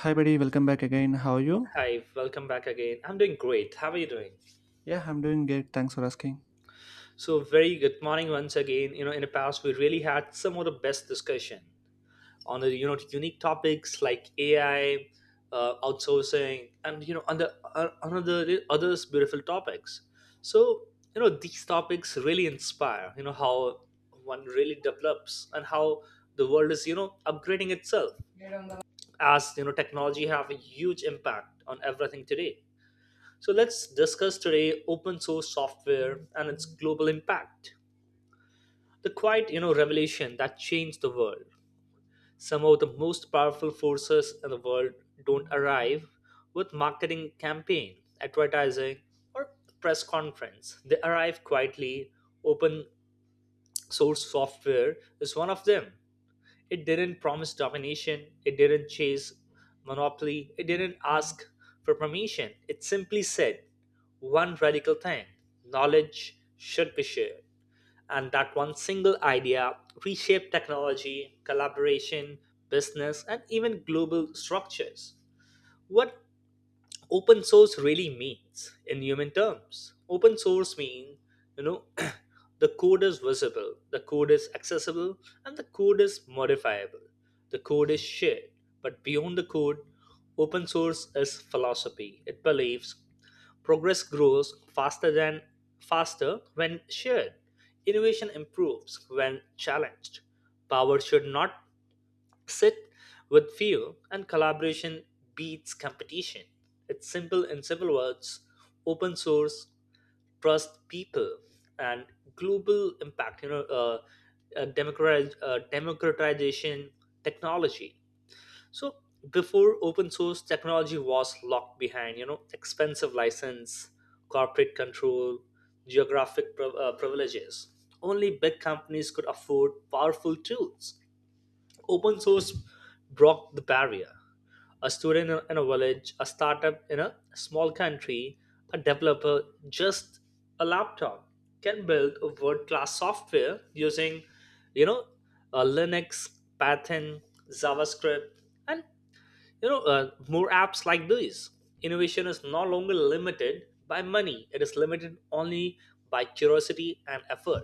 Hi, buddy. Welcome back again. How are you? Hi, welcome back again. I'm doing great. How are you doing? Yeah, I'm doing great. Thanks for asking. So, very good morning once again. In the past, we really had some of the best discussion on the unique topics like AI, outsourcing, and on the on others beautiful topics. So, these topics really inspire. You know how one really develops and how the world is upgrading itself as technology have a huge impact on everything today. So let's discuss today open source software and its global impact. The quiet, revelation that changed the world. Some of the most powerful forces in the world don't arrive with marketing campaign, advertising, or press conference. They arrive quietly. Open source software is one of them. It didn't promise domination, it didn't chase monopoly, it didn't ask for permission. It simply said one radical thing: knowledge should be shared. And that one single idea reshaped technology, collaboration, business, and even global structures. What open source really means in human terms: open source means you know the code is visible, the code is accessible, and the code is modifiable, the code is shared. But beyond the code, open source is philosophy. It believes progress grows faster than faster when shared, innovation improves when challenged, power should not sit with few, and collaboration beats competition. It's simple. In simple words, open source, trust people, and global impact. Democratization technology. So before open source, technology was locked behind, expensive license, corporate control, geographic privileges. Only big companies could afford powerful tools. Open source broke the barrier. A student in a village, a startup in a small country, a developer, just a laptop, can build a world-class software using, you know, Linux, Python, JavaScript, and more apps like these. Innovation is no longer limited by money; it is limited only by curiosity and effort,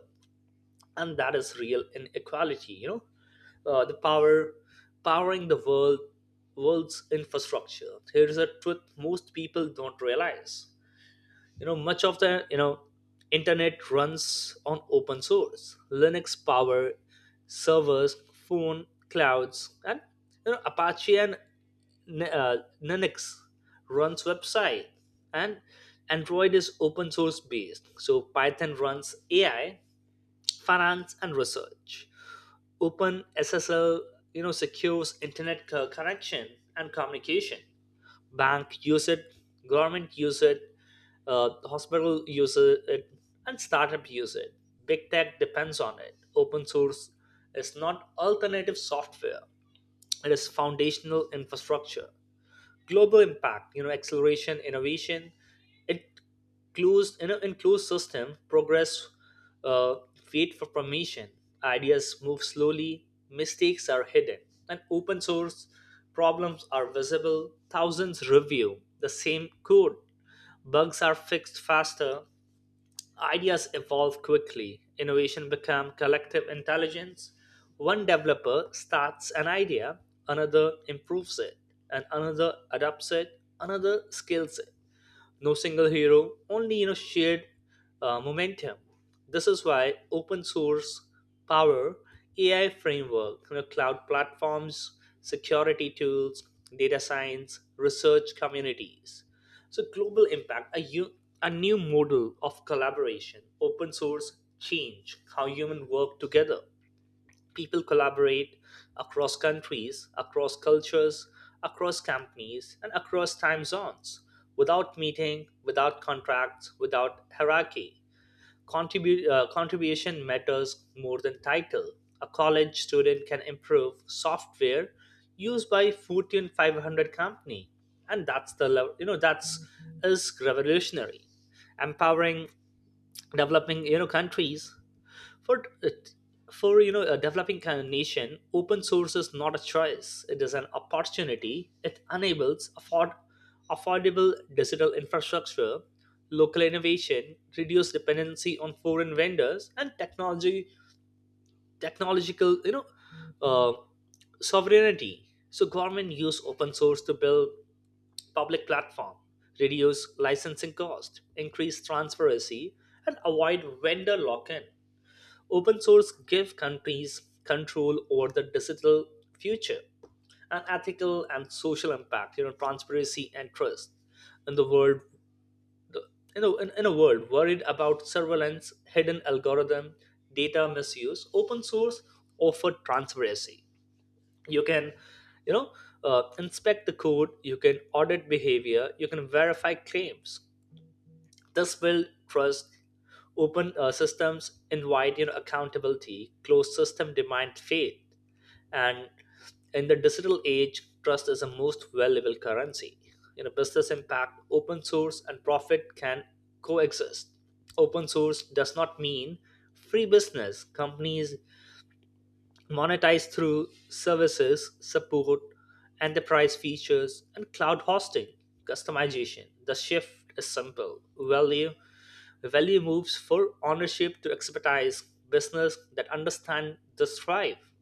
and that is real inequality. The powering the world world's infrastructure. Here is a truth most people don't realize: much of the internet runs on open source. Linux power servers, phone, clouds, and Apache, and uh, Linux runs website, and Android is open source based, so Python runs AI, finance, and research. Open SSL, secures internet connection and communication. Bank use it, government use it, hospital use it, and startup use it. Big tech depends on it. Open source is not alternative software; it is foundational infrastructure. Global impact, acceleration innovation. It closed in a enclosed system, progress uh, wait for permission, ideas move slowly, mistakes are hidden. And open source, problems are visible, thousands review the same code, bugs are fixed faster. Ideas evolve quickly. Innovation become collective intelligence. One developer starts an idea, another improves it, and another adopts it, another scales it. No single hero, only shared momentum. This is why open source power AI framework, cloud platforms, security tools, data science, research communities. So global impact, a new model of collaboration. Open source change how human work together. People collaborate across countries, across cultures, across companies, and across time zones, without meeting, without contracts, without hierarchy. Contribution matters more than title. A college student can improve software used by Fortune 500 company, and that's the level. That's is revolutionary. Empowering developing countries. For for you know a developing kind of nation, open source is not a choice, it is an opportunity. It enables affordable digital infrastructure, local innovation, reduce dependency on foreign vendors and technology technological uh, sovereignty. So government use open source to build public platform, reduce licensing cost, increase transparency, and avoid vendor lock-in. Open source give countries control over the digital future. And ethical and social impact, transparency and trust in the world. In a world worried about surveillance, hidden algorithm, data misuse, open source offer transparency. You can, you know, inspect the code, you can audit behavior, you can verify claims, this will trust. Open systems invite accountability. Closed system demand faith. And in the digital age, trust is the most valuable currency. Business impact, open source, and profit can coexist. Open source does not mean free business. Companies monetize through services, support, enterprise features, and cloud hosting, customization. The shift is simple. Value moves from ownership to expertise, business that understand the thrive.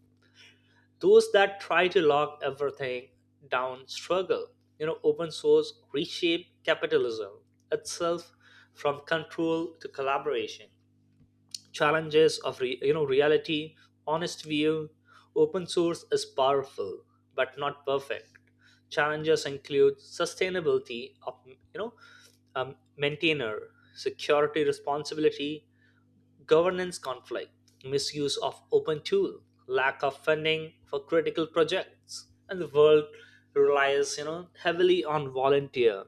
Those that try to lock everything down struggle. Open source reshape capitalism itself, from control to collaboration. Challenges of reality, honest view. Open source is powerful but not perfect. Challenges include sustainability of maintainer, security responsibility, governance conflict, misuse of open tool, lack of funding for critical projects, and the world relies, heavily on volunteer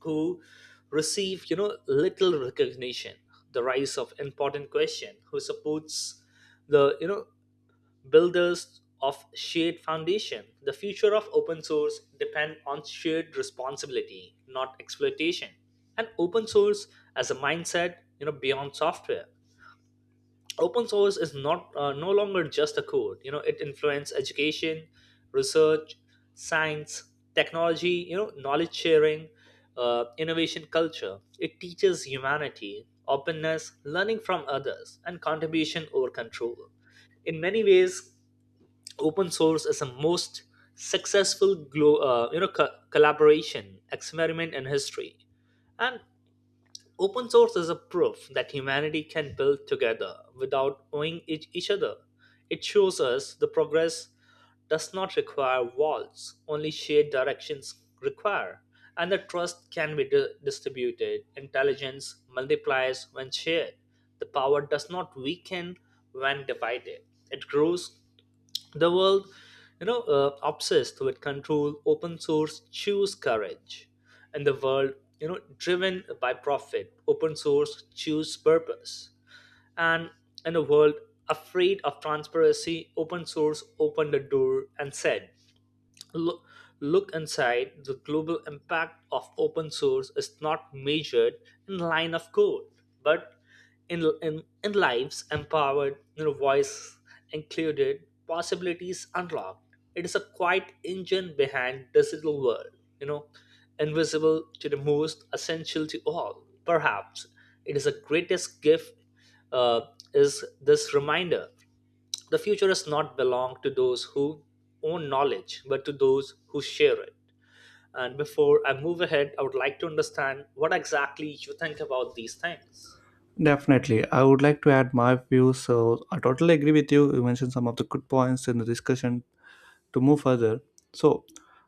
who receive, little recognition. The rise of important question: who supports the, builders of shared foundation? The future of open source depend on shared responsibility, not exploitation. And open source as a mindset, beyond software. Open source is not no longer just a code. It influences education, research, science, technology, knowledge sharing, innovation culture. It teaches humanity openness, learning from others, and contribution over control. In many ways, open source is the most successful collaboration experiment in history. And open source is a proof that humanity can build together without owing each other. It shows us the progress does not require walls, only shared directions require, and the trust can be distributed. Intelligence multiplies when shared. The power does not weaken when divided, it grows. The world, obsessed with control, open source choose courage. And the world, driven by profit, open source choose purpose. And in a world afraid of transparency, open source opened the door and said, "Look, look inside." The global impact of open source is not measured in line of code, but in lives empowered, voice included, possibilities unlocked. It is a quiet engine behind digital world, you know, invisible to the most, essential to all. Perhaps it is the greatest gift. uh, is this reminder the future does not belong to those who own knowledge, but to those who share it. And before I move ahead, I would like to understand what exactly you think about these things. Definitely. I would like to add my views. So, I totally agree with you. You mentioned some of the good points in the discussion to move further. So,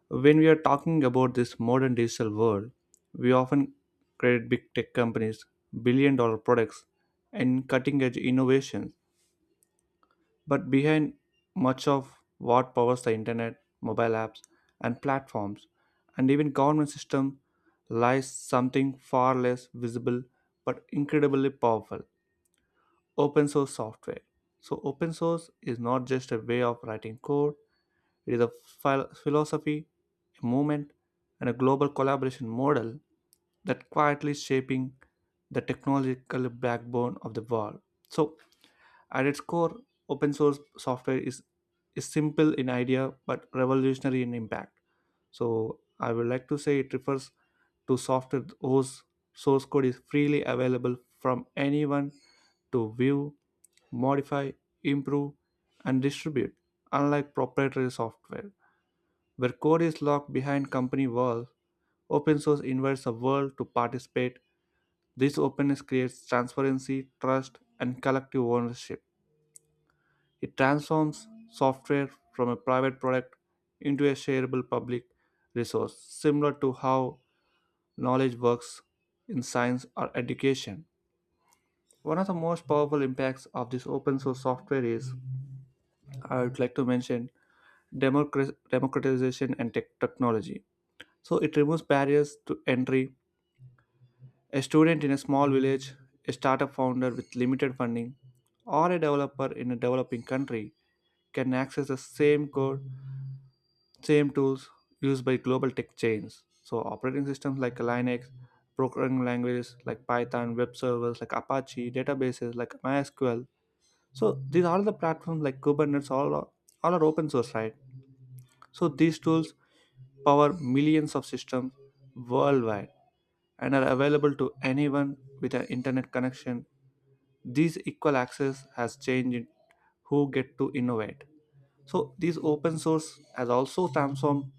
when we are talking about this modern digital world, we often credit big tech companies, billion dollar products, and cutting edge innovations. But behind much of what powers the internet, mobile apps, and platforms, and even government system lies something far less visible but incredibly powerful open source software. So, open source is not just a way of writing code, it is a philosophy, a movement, and a global collaboration model that quietly shaping the technological backbone of the world. So, at its core, open source software is simple in idea but revolutionary in impact. So, I would like to say it refers to software whose source code is freely available from anyone to view, modify, improve, and distribute, unlike proprietary software, where code is locked behind company walls. Open source invites the world to participate. This openness creates transparency, trust, and collective ownership. It transforms software from a private product into a shareable public resource, similar to how knowledge works in science or education. One of the most powerful impacts of this open source software is, I would like to mention, democratization and technology. So it removes barriers to entry. A student in a small village, a startup founder with limited funding, or a developer in a developing country can access the same code, same tools used by global tech chains. So operating systems like Linux, programming languages like Python, web servers like Apache, databases like MySQL. So these are the platforms like Kubernetes, all are open source, right? So these tools power millions of systems worldwide and are available to anyone with an internet connection. This equal access has changed who get to innovate. So this open source has also transformed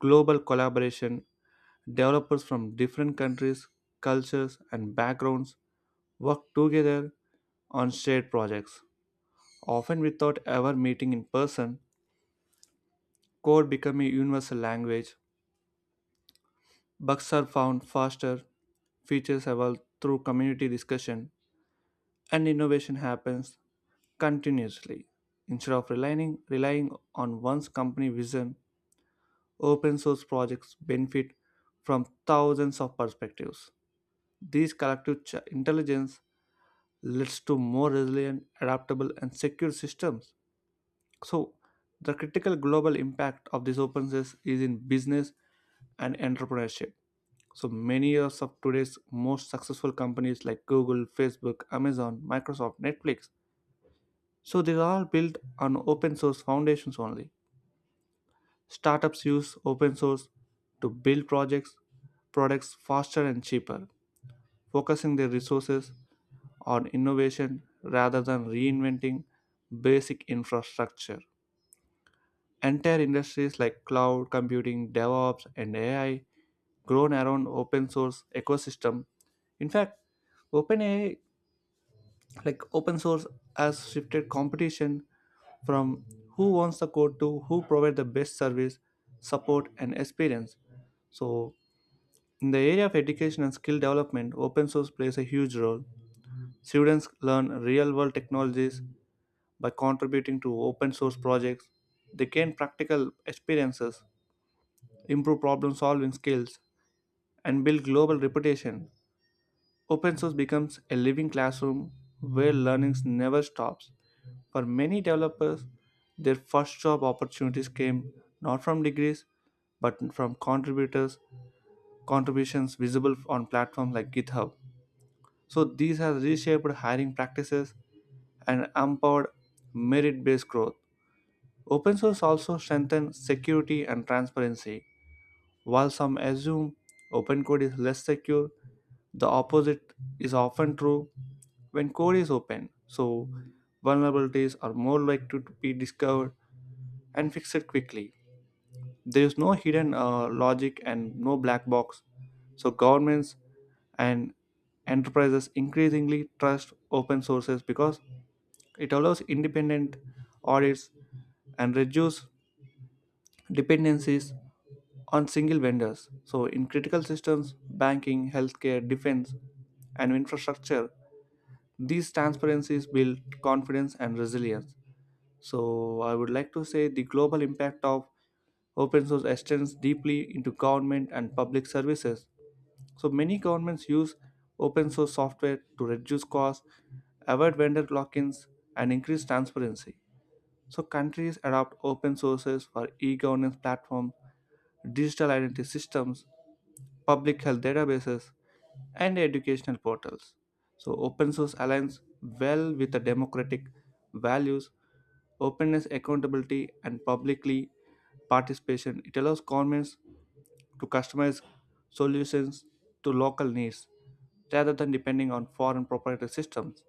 global collaboration. Developers from different countries, cultures and backgrounds work together on shared projects. Often without ever meeting in person, code became a universal language. Bugs are found faster, features evolve through community discussion, and innovation happens continuously. Instead of relying on one's company vision, open source projects benefit from thousands of perspectives. This collective intelligence leads to more resilient, adaptable, and secure systems. So, the critical global impact of these open source is in business and entrepreneurship. So, many of today's most successful companies like Google, Facebook, Amazon, Microsoft, Netflix. So, these are all built on open source foundations only. Startups use open source to build products faster and cheaper, focusing their resources on innovation rather than reinventing basic infrastructure. Entire industries like cloud computing, DevOps, and AI grown around open source ecosystem. In fact, OpenAI, like open source, has shifted competition from who owns the code to who provide the best service, support, and experience. So, in the area of education and skill development, open source plays a huge role. Students learn real world technologies by contributing to open source projects. They gain practical experiences, improve problem solving skills, and build global reputation. Open source becomes a living classroom where learning never stops. For many developers, their first job opportunities came not from degrees but from contributors contributions visible on platforms like GitHub. So these have reshaped hiring practices and empowered merit-based growth. Open source also strengthens security and transparency. While some assume open code is less secure, the opposite is often true. When code is open, so vulnerabilities are more likely to be discovered and fixed quickly. There is no hidden logic and no black box, so governments and enterprises increasingly trust open sources because it allows independent audits and reduce dependencies on single vendors. So, in critical systems, banking, healthcare, defense, and infrastructure, these transparencies build confidence and resilience. So, I would like to say the global impact of open source extends deeply into government and public services. So, many governments use open source software to reduce costs, avoid vendor lock ins, and increase transparency. So, countries adopt open sources for e governance platforms, digital identity systems, public health databases, and educational portals. So, open source aligns well with the democratic values, openness, accountability, and publicly participation. It allows governments to customize solutions to local needs rather than depending on foreign proprietary systems.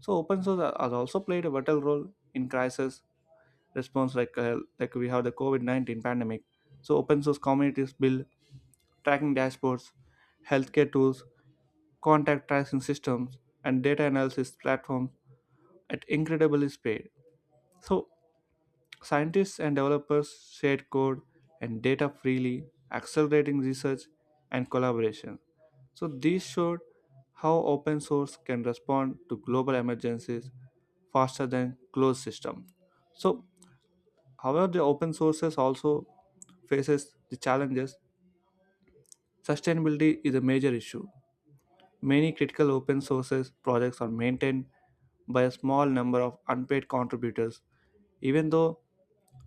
So, open source has also played a vital role in crisis response, like we have the covid-19 pandemic. So open source communities build tracking dashboards, healthcare tools, contact tracing systems, and data analysis platforms at incredible speed. So scientists and developers shared code and data freely, accelerating research and collaboration. So these showed how open source can respond to global emergencies faster than closed systems. So, however, the open sources also faces the challenges. Sustainability is a major issue. Many critical open sources projects are maintained by a small number of unpaid contributors. Even though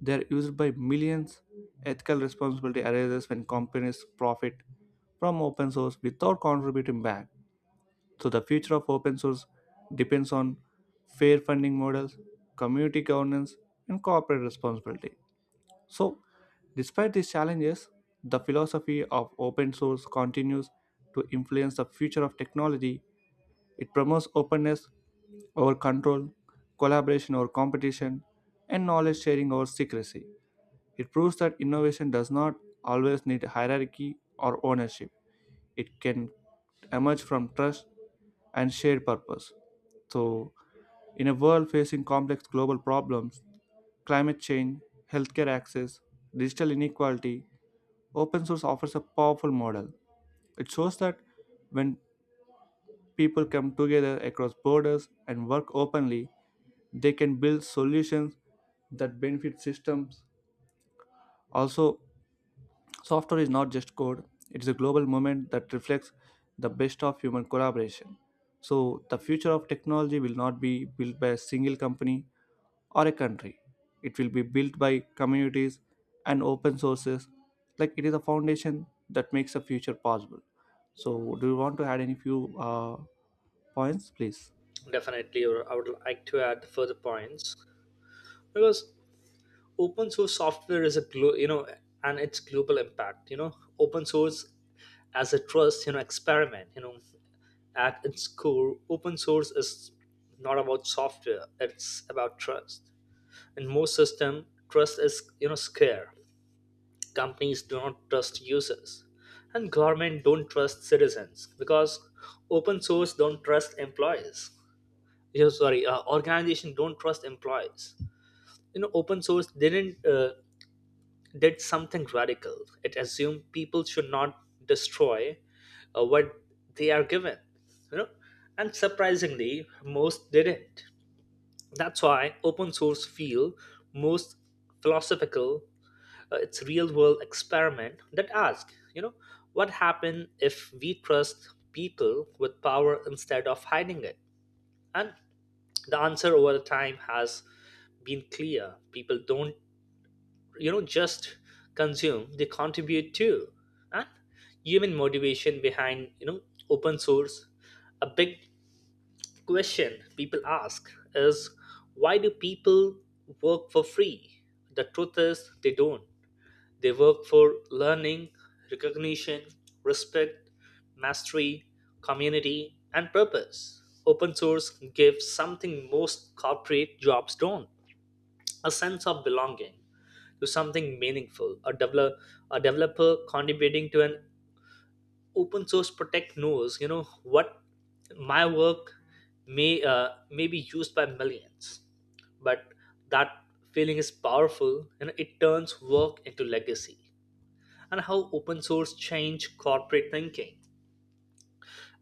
they are used by millions, ethical responsibility arises when companies profit from open source without contributing back. So the future of open source depends on fair funding models, community governance, and corporate responsibility. So, despite these challenges, the philosophy of open source continues to influence the future of technology. It promotes openness over control, collaboration over competition, and knowledge sharing over secrecy. It proves that innovation does not always need hierarchy or ownership. It can emerge from trust and shared purpose. So, in a world facing complex global problems, climate change, healthcare access, digital inequality, open source offers a powerful model. It shows that when people come together across borders and work openly, they can build solutions that benefit systems. Also, software is not just code, it is a global movement that reflects the best of human collaboration. So, the future of technology will not be built by a single company, or a country. It will be built by communities and open sources, like it is a foundation that makes the future possible. So, do you want to add any few points, please? Definitely, or I would like to add further points because open source software is a and its global impact. Open source as a trust, experiment. At its core, open source is not about software; it's about trust. In most system, trust is scarce. Companies do not trust users, and government don't trust citizens, because open source don't trust employees. Yeah, sorry, organization don't trust employees. Open source didn't did something radical. It assumed people should not destroy what they are given, you know and surprisingly most didn't. That's why open source feel most philosophical. It's real world experiment that asks, what happens if we trust people with power instead of hiding it? And the answer over the time has been clear. People don't, just consume, they contribute too. And human motivation behind, open source, a big question people ask is, why do people work for free? The truth is they don't. They work for learning, recognition, respect, mastery, community, and purpose. Open source gives something most corporate jobs don't: a sense of belonging to something meaningful. A developer contributing to an open source project knows, what my work may be used by millions. But that feeling is powerful, and it turns work into legacy. And how open source changed corporate thinking.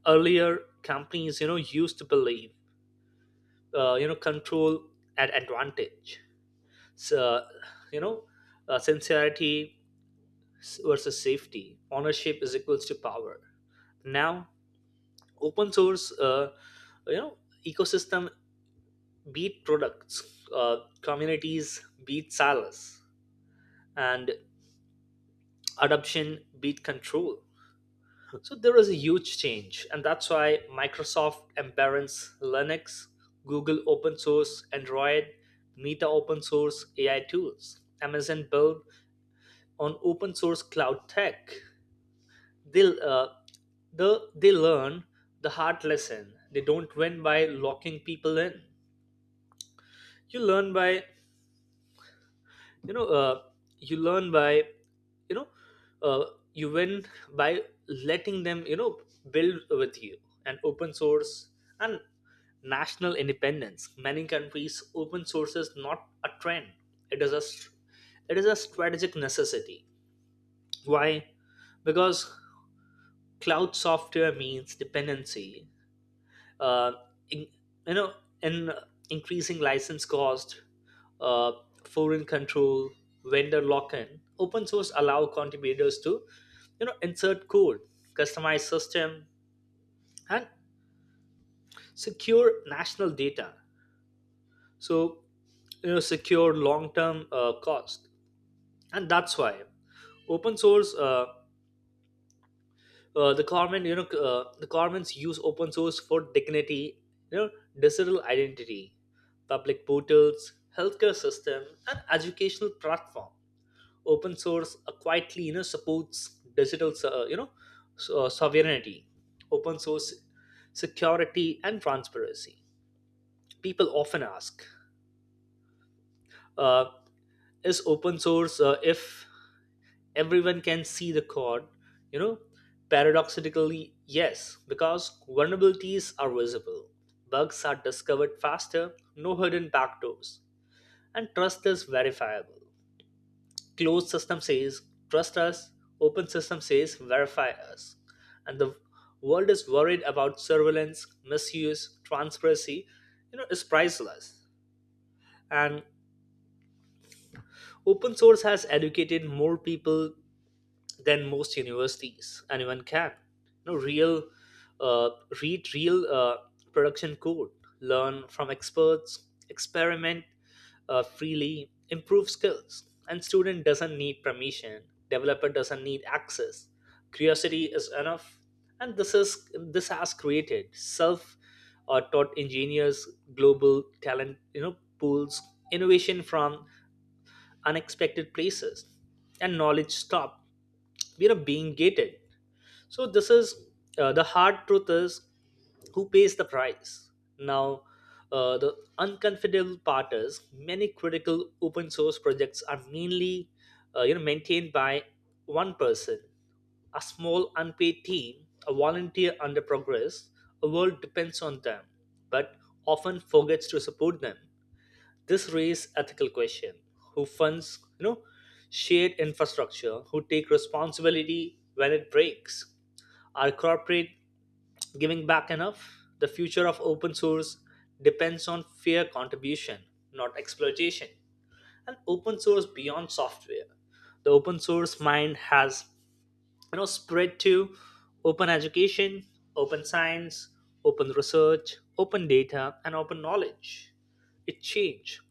Earlier, companies, used to believe, control at advantage. So, you know, sincerity versus safety. Ownership is equals to power. Now, open source, you know, ecosystem beat products, communities beat silos, and adoption beat control. So there is a huge change, and that's why Microsoft embraces Linux, Google open source Android, Meta open source AI tools, Amazon build on open source cloud tech. They uh, they learn the hard lesson. They don't win by locking people in. You learn by you know you learn by you know uh, you win by letting them build with you. And open source and national independence. Many countries, open source is not a trend. It is a it is a strategic necessity. Why? Because cloud software means dependency. Uh, in, you know, in increasing license cost, uh, foreign control, vendor lock-in. Open source allow contributors to, insert code, customize system, and secure national data, so secure long term cost. And that's why open source the governments use open source for dignity, you know digital identity, public portals, healthcare system, and educational platform. Open source quietly supports digital sovereignty. Open source, security and transparency, people often ask, uh, is open source if everyone can see the code, you know paradoxically yes, because vulnerabilities are visible, bugs are discovered faster, no hidden backdoors, and trust is verifiable. Closed system says trust us, open system says verify us. And the world is worried about surveillance misuse. Transparency, is priceless. And open source has educated more people than most universities. Anyone can you know real uh, read real production code, learn from experts, experiment freely, improve skills. And student doesn't need permission, developer doesn't need access, curiosity is enough. And this has created self taught engineers, global talent pools, innovation from unexpected places. And knowledge stop, we are being gated. So this is, the hard truth is, who pays the price now? The uncomfortable part is many critical open source projects are mainly maintained by one person, a small unpaid team, a volunteer under progress. A world depends on them, but often forgets to support them. This raises ethical question. Who funds, shared infrastructure? Who take responsibility when it breaks? Are corporate giving back enough? The future of open source depends on fair contribution, not exploitation. And open source beyond software, the open source mind has spread to open education, open science, open research, open data, and open knowledge. It changed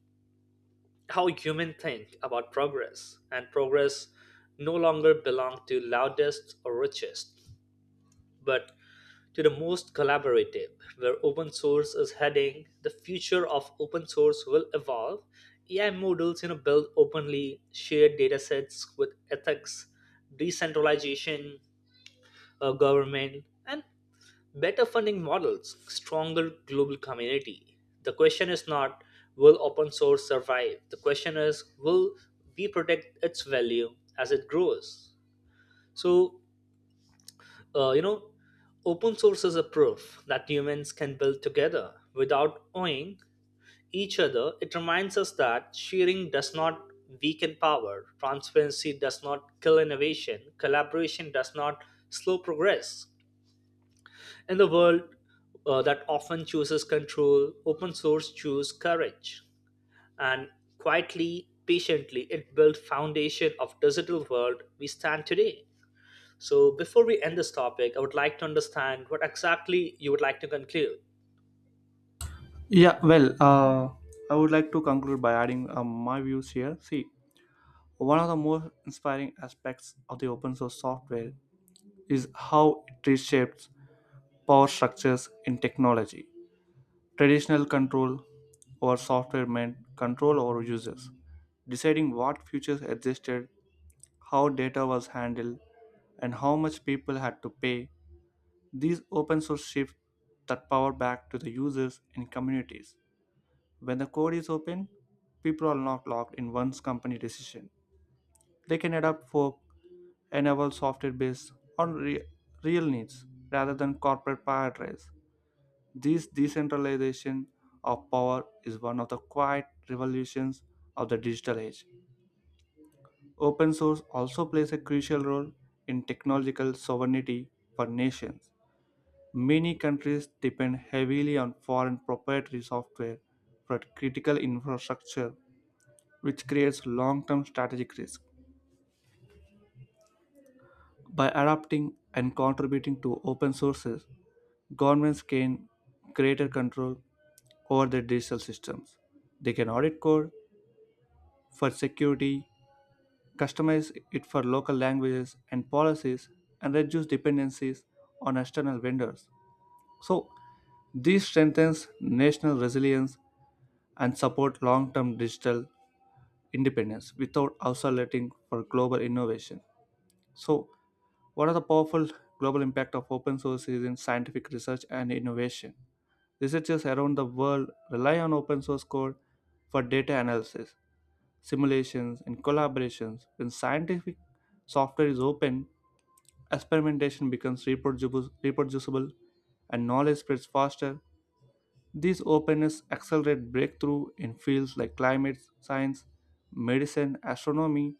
how humans think about progress, and progress no longer belongs to loudest or richest, but to the most collaborative, where open source is heading. The future of open source will evolve. AI models, build openly, share datasets with ethics, decentralization, government, and better funding models, stronger global community. The question is not, will open source survive? The question is, will we protect its value as it grows? So, uh, you know, open source is a proof that humans can build together without owing each other. It reminds us that sharing does not weaken power, transparency does not kill innovation, collaboration does not slow progress. In the world that often chooses control, open source choose courage. And quietly, patiently, it built foundation of digital world we stand today. So before we end this topic, I would like to understand what exactly you would like to conclude. Yeah, I would like to conclude by adding my views here. See, one of the most inspiring aspects of the open source software is how it reshapes power structures in technology. Traditional control over software meant control over users, deciding what features existed, how data was handled, and how much people had to pay. These open source shift that power back to the users and communities. When the code is open, people are not locked in one's company decision. They can adapt for enable software based on real needs rather than corporate paradise. This decentralization of power is one of the quiet revolutions of the digital age. Open source also plays a crucial role in technological sovereignty for nations. Many countries depend heavily on foreign proprietary software for critical infrastructure, which creates long term strategic risk. By adapting and contributing to open sources, governments gain greater control over their digital systems. They can audit code, for security, customize it for local languages and policies, and reduce dependencies on external vendors. So, this strengthens national resilience and support long-term digital independence without isolating for global innovation. So, what are the powerful global impact of open source is in scientific research and innovation? Researchers around the world rely on open source code for data analysis, simulations, and collaborations. When scientific software is open, experimentation becomes reproducible and knowledge spreads faster. This openness accelerates breakthrough in fields like climate science, medicine, astronomy,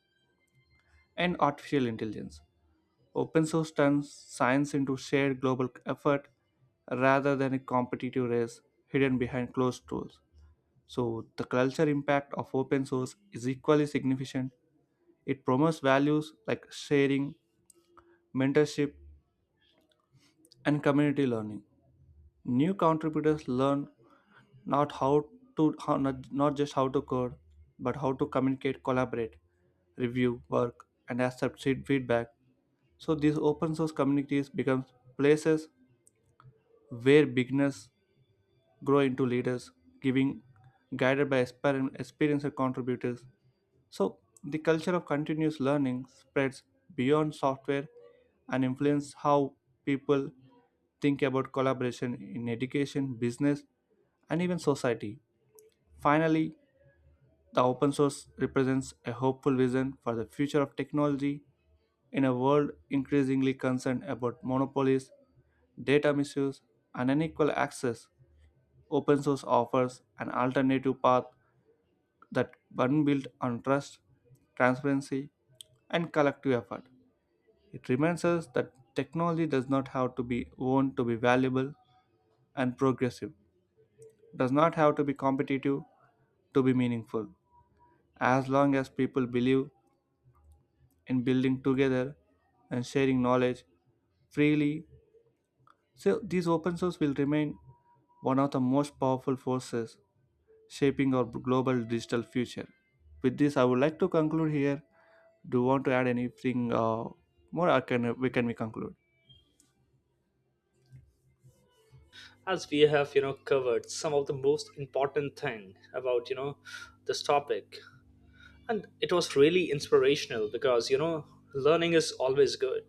and artificial intelligence. Open source turns science into shared global effort rather than a competitive race hidden behind closed doors. So, the culture impact of open source is equally significant. It promotes values like sharing, mentorship, and community learning. New contributors learn not how not just how to code, but how to communicate, collaborate, review work, and accept feedback. So these open source communities become places where beginners grow into leaders, giving guided by experienced contributors. So, the culture of continuous learning spreads beyond software and influences how people think about collaboration in education, business, and even society. Finally, the open source represents a hopeful vision for the future of technology in a world increasingly concerned about monopolies, data misuse, and unequal access. Open source offers an alternative path that one built on trust, transparency, and collective effort. It reminds us that technology does not have to be owned to be valuable and progressive, does not have to be competitive to be meaningful. As long as people believe in building together and sharing knowledge freely, so these open source will remain one of the most powerful forces shaping our global digital future. With this, I would like to conclude here. Do you want to add anything more? Or can we conclude? As we have, covered some of the most important thing about, this topic. And it was really inspirational because, learning is always good.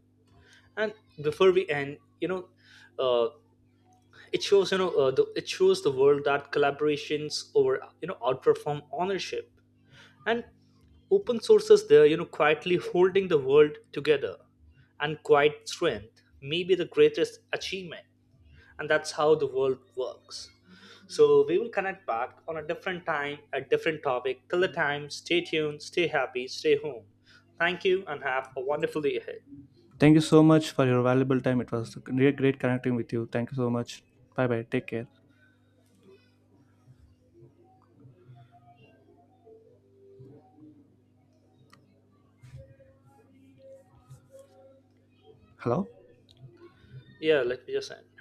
And before we end, uh, it shows, it shows the world that collaborations over, outperform ownership, and open sources there, quietly holding the world together, and quiet strength may be the greatest achievement, and that's how the world works. So we will connect back on a different time, a different topic. Till the time, stay tuned, stay happy, stay home. Thank you, and have a wonderful day ahead. Thank you so much for your valuable time. It was really great connecting with you. Thank you so much. Bye bye. Take care. Hello. Yeah, let me just end.